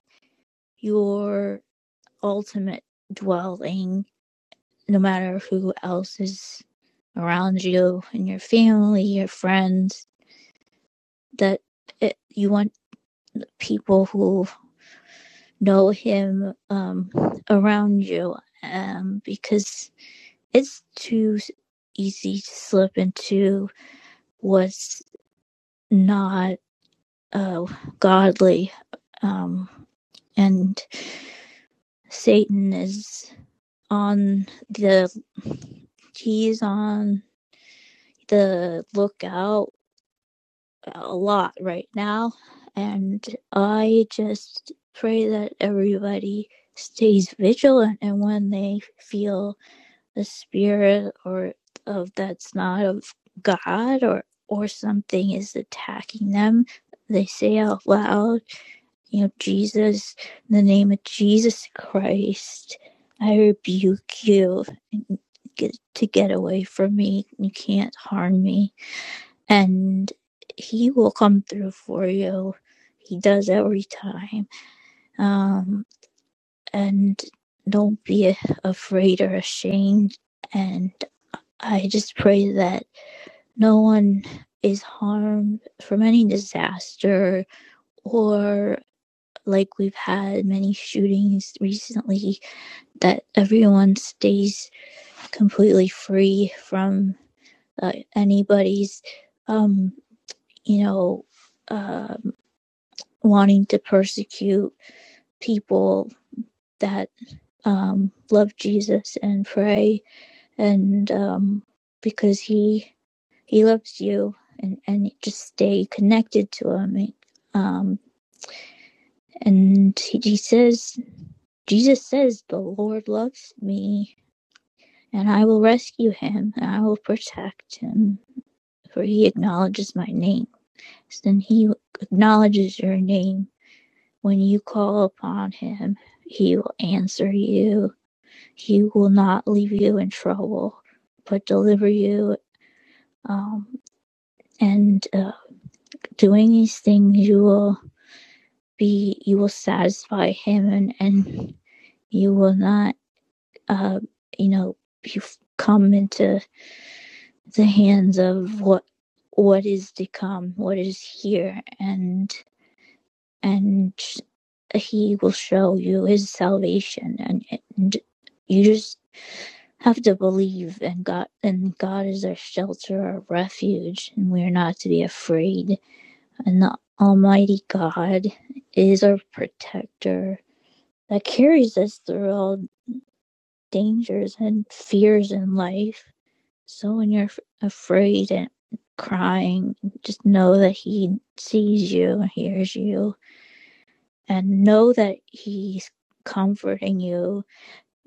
Speaker 6: your ultimate dwelling, no matter who else is around you and your family, your friends. That it, you want people who know Him um, around you, um, because it's too easy to slip into what's not uh, godly. Um, and Satan is on the, he's on the lookout a lot right now. And I just pray that everybody stays vigilant and when they feel a spirit or of that's not of God or or something is attacking them, they say out loud, you know, Jesus, in the name of Jesus Christ, I rebuke you get, to get away from me. You can't harm me. And he will come through for you. He does every time. Um, and don't be afraid or ashamed. And I just pray that no one is harmed from any disaster or like we've had many shootings recently, that everyone stays completely free from uh, anybody's, um, you know, uh, wanting to persecute people that um, love Jesus and pray and um, because he He loves you, and and just stay connected to him. Um, and he, he says, Jesus says, the Lord loves me, and I will rescue him, and I will protect him, for he acknowledges my name. And he acknowledges your name when you call upon him. He will answer you. He will not leave you in trouble, but deliver you. Um, and uh, doing these things, you will be you will satisfy him and and you will not uh you know you come into the hands of what what is to come what is here and and he will show you his salvation and, and you just have to believe and god and god is our shelter our refuge and we are not to be afraid and the almighty god is our protector that carries us through all dangers and fears in life. So when you're f- afraid and crying, just know that He sees you and hears you, and know that He's comforting you,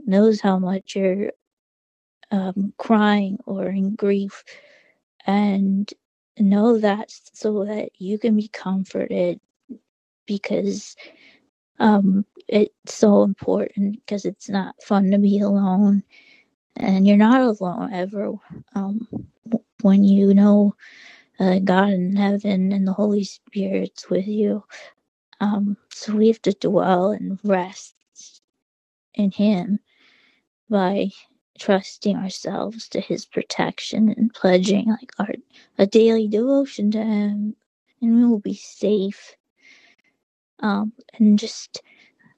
Speaker 6: knows how much you're um, crying or in grief, and know that so that you can be comforted because um, it's so important because it's not fun to be alone and you're not alone ever um, when you know uh, god in heaven and the holy spirit's with you um, so we have to dwell and rest in him by trusting ourselves to his protection and pledging like our a daily devotion to him and we will be safe um, and just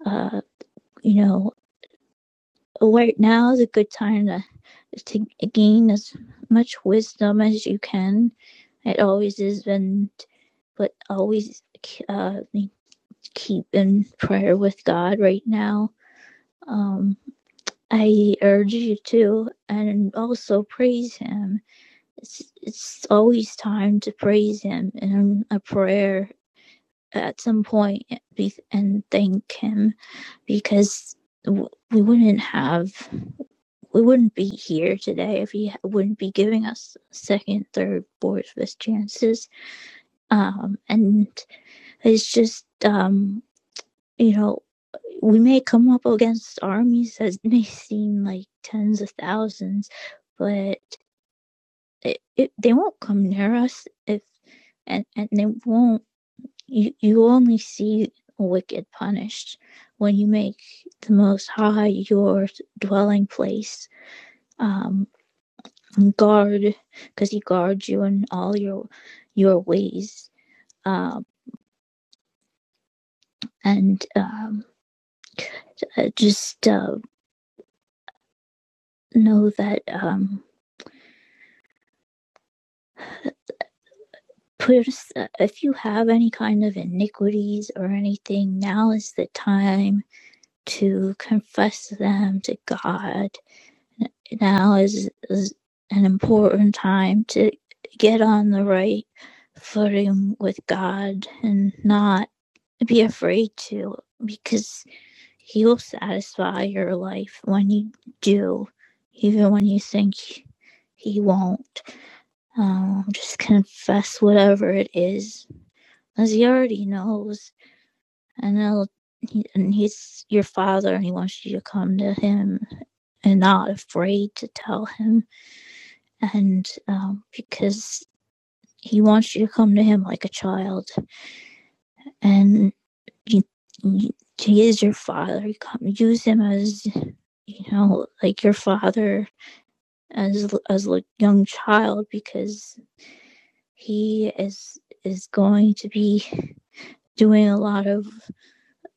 Speaker 6: uh, you know right now is a good time to to gain as much wisdom as you can It always is been, but always uh, keep in prayer with God right now. Um, I urge you to, and also praise Him. It's, it's always time to praise Him in a prayer at some point and thank Him because we wouldn't have, we wouldn't be here today if He wouldn't be giving us second, third, fourth, fifth chances. Um, and It's just, um, you know, we may come up against armies that [laughs] may seem like tens of thousands, but it, it, they won't come near us if, and, and they won't, you, you only see wicked punished when you make the Most High your dwelling place. Um, guard, because He guards you in all your your ways. Um, and um, uh, just uh, know that um, put us, if you have any kind of iniquities or anything, now is the time to confess them to God. Now is, is an important time to get on the right footing with God and not be afraid to, because He will satisfy your life when you do, even when you think He won't. Um, just confess whatever it is, as he already knows, and he'll, he, and he's your father, and he wants you to come to him and not afraid to tell him, and um, because he wants you to come to him like a child, and you, you, he is your father. You come, use him as you know, like your father as as a young child, because he is is going to be doing a lot of.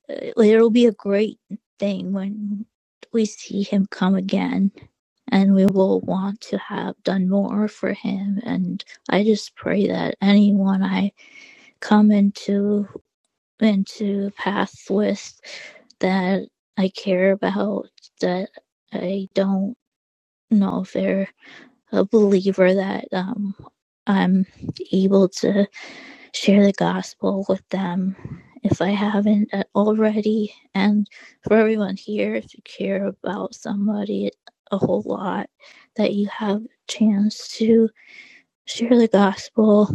Speaker 6: uh, It'll be a great thing when we see him come again, and we will want to have done more for him. And I just pray that anyone I come into into path with that I care about, that I don't know if they're a believer, that um, I'm able to share the gospel with them if I haven't uh, already. And for everyone here, if you care about somebody a whole lot, that you have a chance to share the gospel.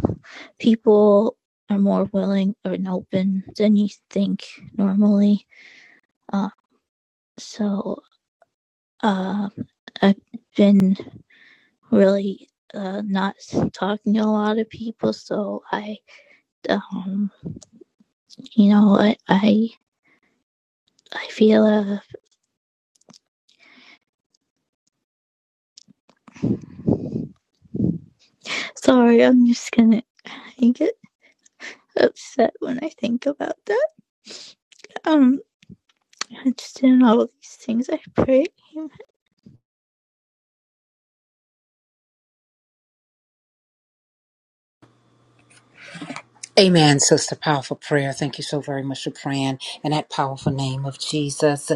Speaker 6: People are more willing or open than you think normally. Uh, so uh, I've been really uh, not talking to a lot of people, so I, um, you know, I, I I feel uh sorry, I'm just gonna I get upset when I think about that. Um I just in all these things I pray.
Speaker 3: Amen, sister. Powerful prayer. Thank you so very much for praying in that powerful name of Jesus.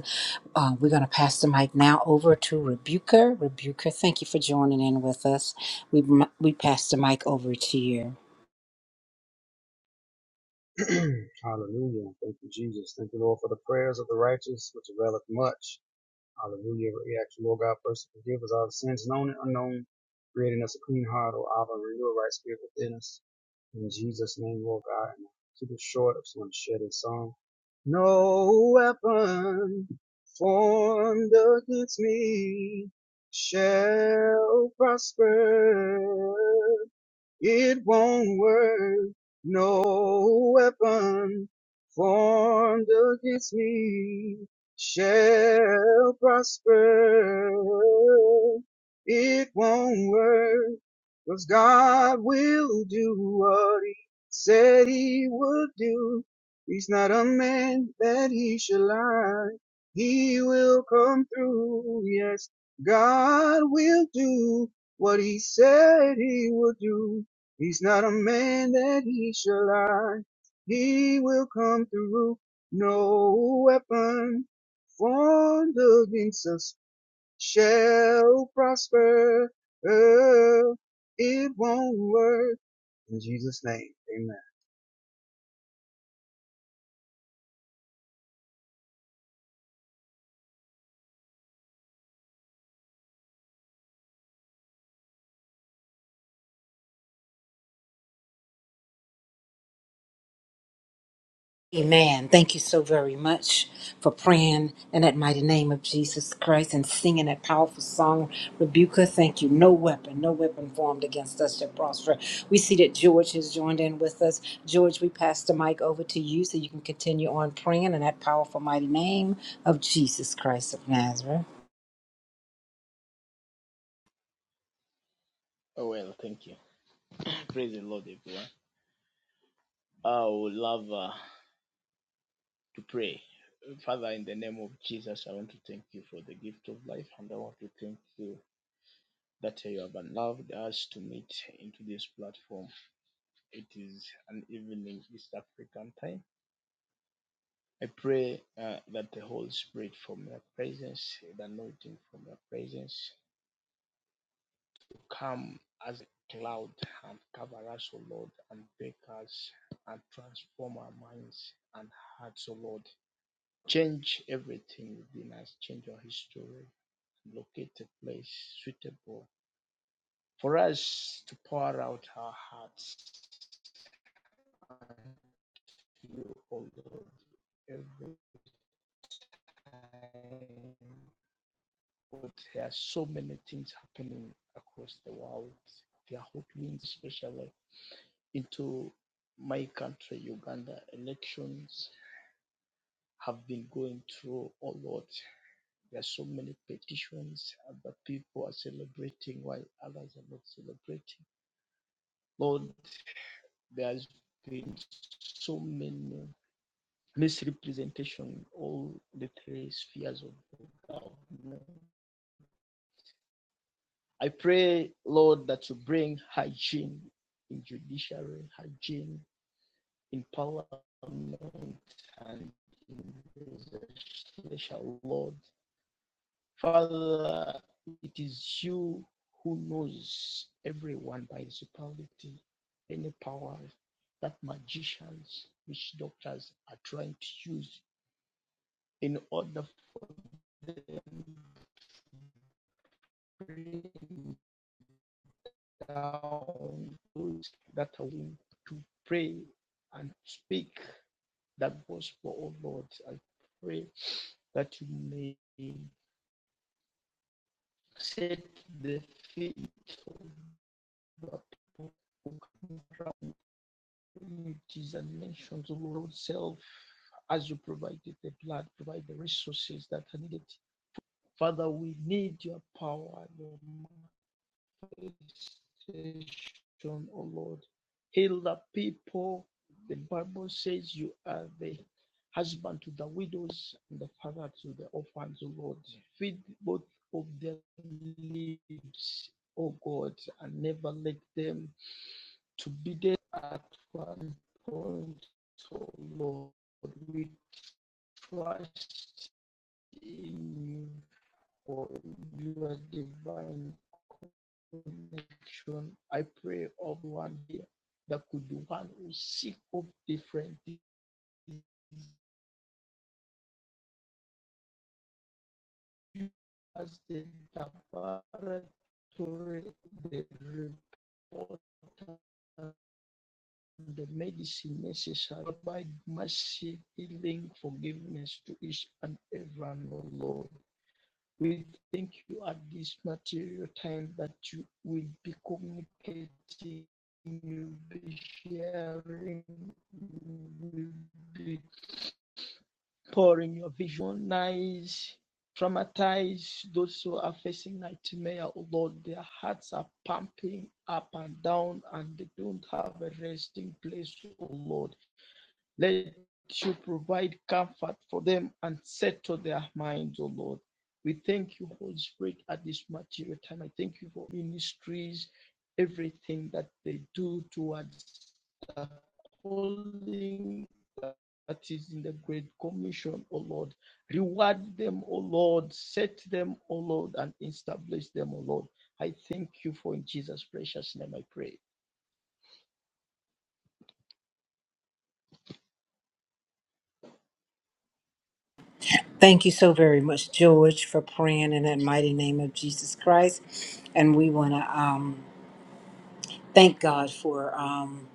Speaker 3: Uh, we're going to pass the mic now over to Rebuker. Rebuker, thank you for joining in with us. We we pass the mic over to you.
Speaker 7: [clears throat] Hallelujah. Thank you, Jesus. Thank you, Lord, for the prayers of the righteous, which availeth much. Hallelujah. We ask you, Lord God, first to forgive us our sins, known and unknown, creating us a clean heart, O Abba, and renew a right spirit within us. In Jesus' name, Lord God, and keep it short. I just want to share this song. No weapon formed against me shall prosper. It won't work. No weapon formed against me shall prosper. It won't work, 'cause God will do what he said he would do. He's not a man that he should lie. He will come through. Yes, God will do what he said he would do. He's not a man that he shall lie. He will come through. No weapon formed against us shall prosper. It won't work. In Jesus' name, Amen.
Speaker 3: Amen. Thank you so very much for praying in that mighty name of Jesus Christ and singing that powerful song, Rebuker. Thank you. No weapon, no weapon formed against us shall prosper. We see that George has joined in with us. George, we pass the mic over to you so you can continue on praying in that powerful mighty name of Jesus Christ of Nazareth.
Speaker 8: Oh, well, thank you. [laughs] [clears throat] Praise the Lord, everyone. I would love uh, to pray. Father, in the name of Jesus, I want to thank you for the gift of life, and I want to thank you that you have allowed us to meet into this platform. It is an evening East African time. I pray uh, that the Holy Spirit from your presence, the anointing from your presence, Come as a cloud and cover us, O Lord, and break us and transform our minds and hearts, O Lord. Change everything within us, change our history, locate a place suitable for us to pour out our hearts and you, O Lord, every time. But there are so many things happening across the world. They are hoping, especially into my country, Uganda, elections have been going through a lot. There are so many petitions Other people are celebrating while others are not celebrating. Lord, there has been so many misrepresentation all the three spheres of government. I pray, Lord, that you bring hygiene in judiciary, hygiene in parliament and in legislation, Lord. Father, it is you who knows everyone by principality, any power that magicians, witch doctors are trying to use in order for them to bring down those that are willing to pray and speak that gospel, oh Lord. I pray that you may set the feet of the people who come from communities and nations, oh Lord, self, as you provided the blood, provide the resources that are needed. Father, we need your power, your might. manifestation, oh Lord. Heal the people. The Bible says you are the husband to the widows and the father to the orphans, oh Lord. Feed both of their lips, oh God, and never let them to be there at one point, oh Lord. We trust in you for your divine connection. I pray of one here that could be one who seek of different things as the laboratory, the report, and the medicine necessary by mercy, healing, forgiveness to each and every one, O Lord. We thank you at this material time that you will be communicating, you'll be sharing, you'll be pouring your vision, visions, traumatize those who are facing nightmare. Oh Lord, their hearts are pumping up and down and they don't have a resting place, oh Lord. Let you provide comfort for them and settle their minds, O Lord. We thank you, Holy Spirit, at this material time. I thank you for ministries, everything that they do towards the calling that is in the Great Commission, O Lord. Reward them, O Lord. Set them, O Lord, and establish them, O Lord. I thank you for in Jesus' precious name I pray.
Speaker 3: Thank you so very much, George, for praying in that mighty name of Jesus Christ. And we want to um, thank God for. Um,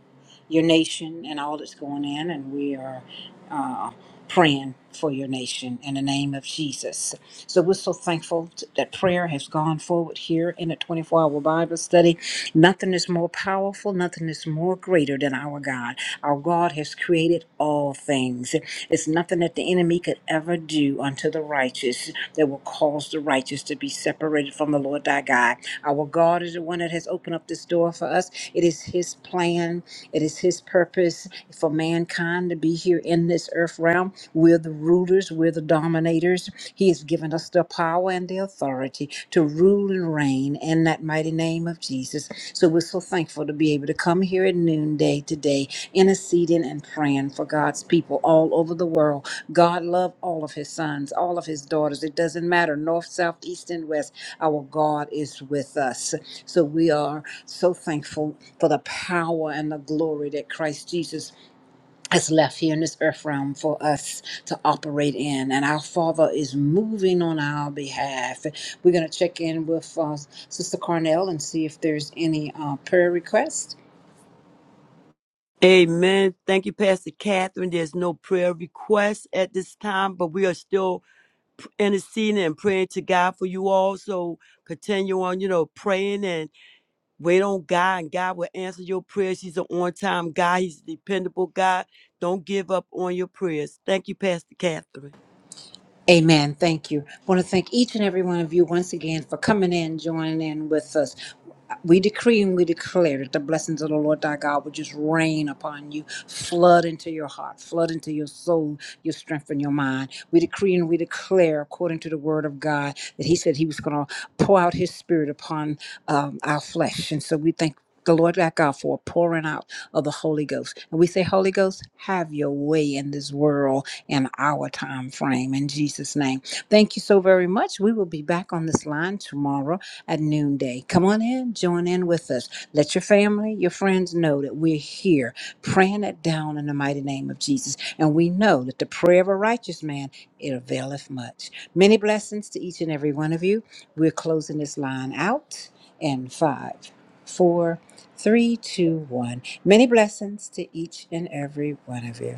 Speaker 3: your nation and all that's going in, and we are uh, praying for your nation in the name of Jesus. So we're so thankful t- that prayer has gone forward here in the 24 hour Bible study. Nothing is more powerful, nothing is more greater than our God. Our God has created all things. It's nothing that the enemy could ever do unto the righteous that will cause the righteous to be separated from the Lord thy God. Our God is the one that has opened up this door for us. It is his plan it is His purpose for mankind to be here in this earth realm. We're the rulers, we're the dominators. He has given us the power and the authority to rule and reign in that mighty name of Jesus. So we're so thankful to be able to come here at noonday today interceding and praying for God's people all over the world. God love all of his sons, all of his daughters. It doesn't matter north, south, east and west. Our God is with us. So we are so thankful for the power and the glory that Christ Jesus has left here in this earth realm for us to operate in. And our Father is moving on our behalf. We're going to check in with uh, Sister Carnell and see if there's any uh, prayer requests.
Speaker 4: Amen. Thank you, Pastor Catherine. There's no prayer request at this time, but we are still p- interceding and praying to God for you all. So continue on, you know, praying and wait on God, and God will answer your prayers. He's an on time God, He's a dependable God. Don't give up on your prayers. Thank you, Pastor Catherine.
Speaker 3: Amen. Thank you. want to thank each and every one of you once again for coming in, joining in with us. We decree and we declare that the blessings of the Lord thy God will just rain upon you, flood into your heart, flood into your soul, your strength, and your mind. We decree and we declare, according to the word of God, that He said He was going to pour out His Spirit upon um, our flesh. And so we thank the Lord thy God for a pouring out of the Holy Ghost. And we say, Holy Ghost, have your way in this world in our time frame. In Jesus' name. Thank you so very much. We will be back on this line tomorrow at noonday. Come on in, join in with us. Let your family, your friends know that we're here praying it down in the mighty name of Jesus. And we know that the prayer of a righteous man, it availeth much. Many blessings to each and every one of you. We're closing this line out in five, four, three, two, one. Many blessings to each and every one of you.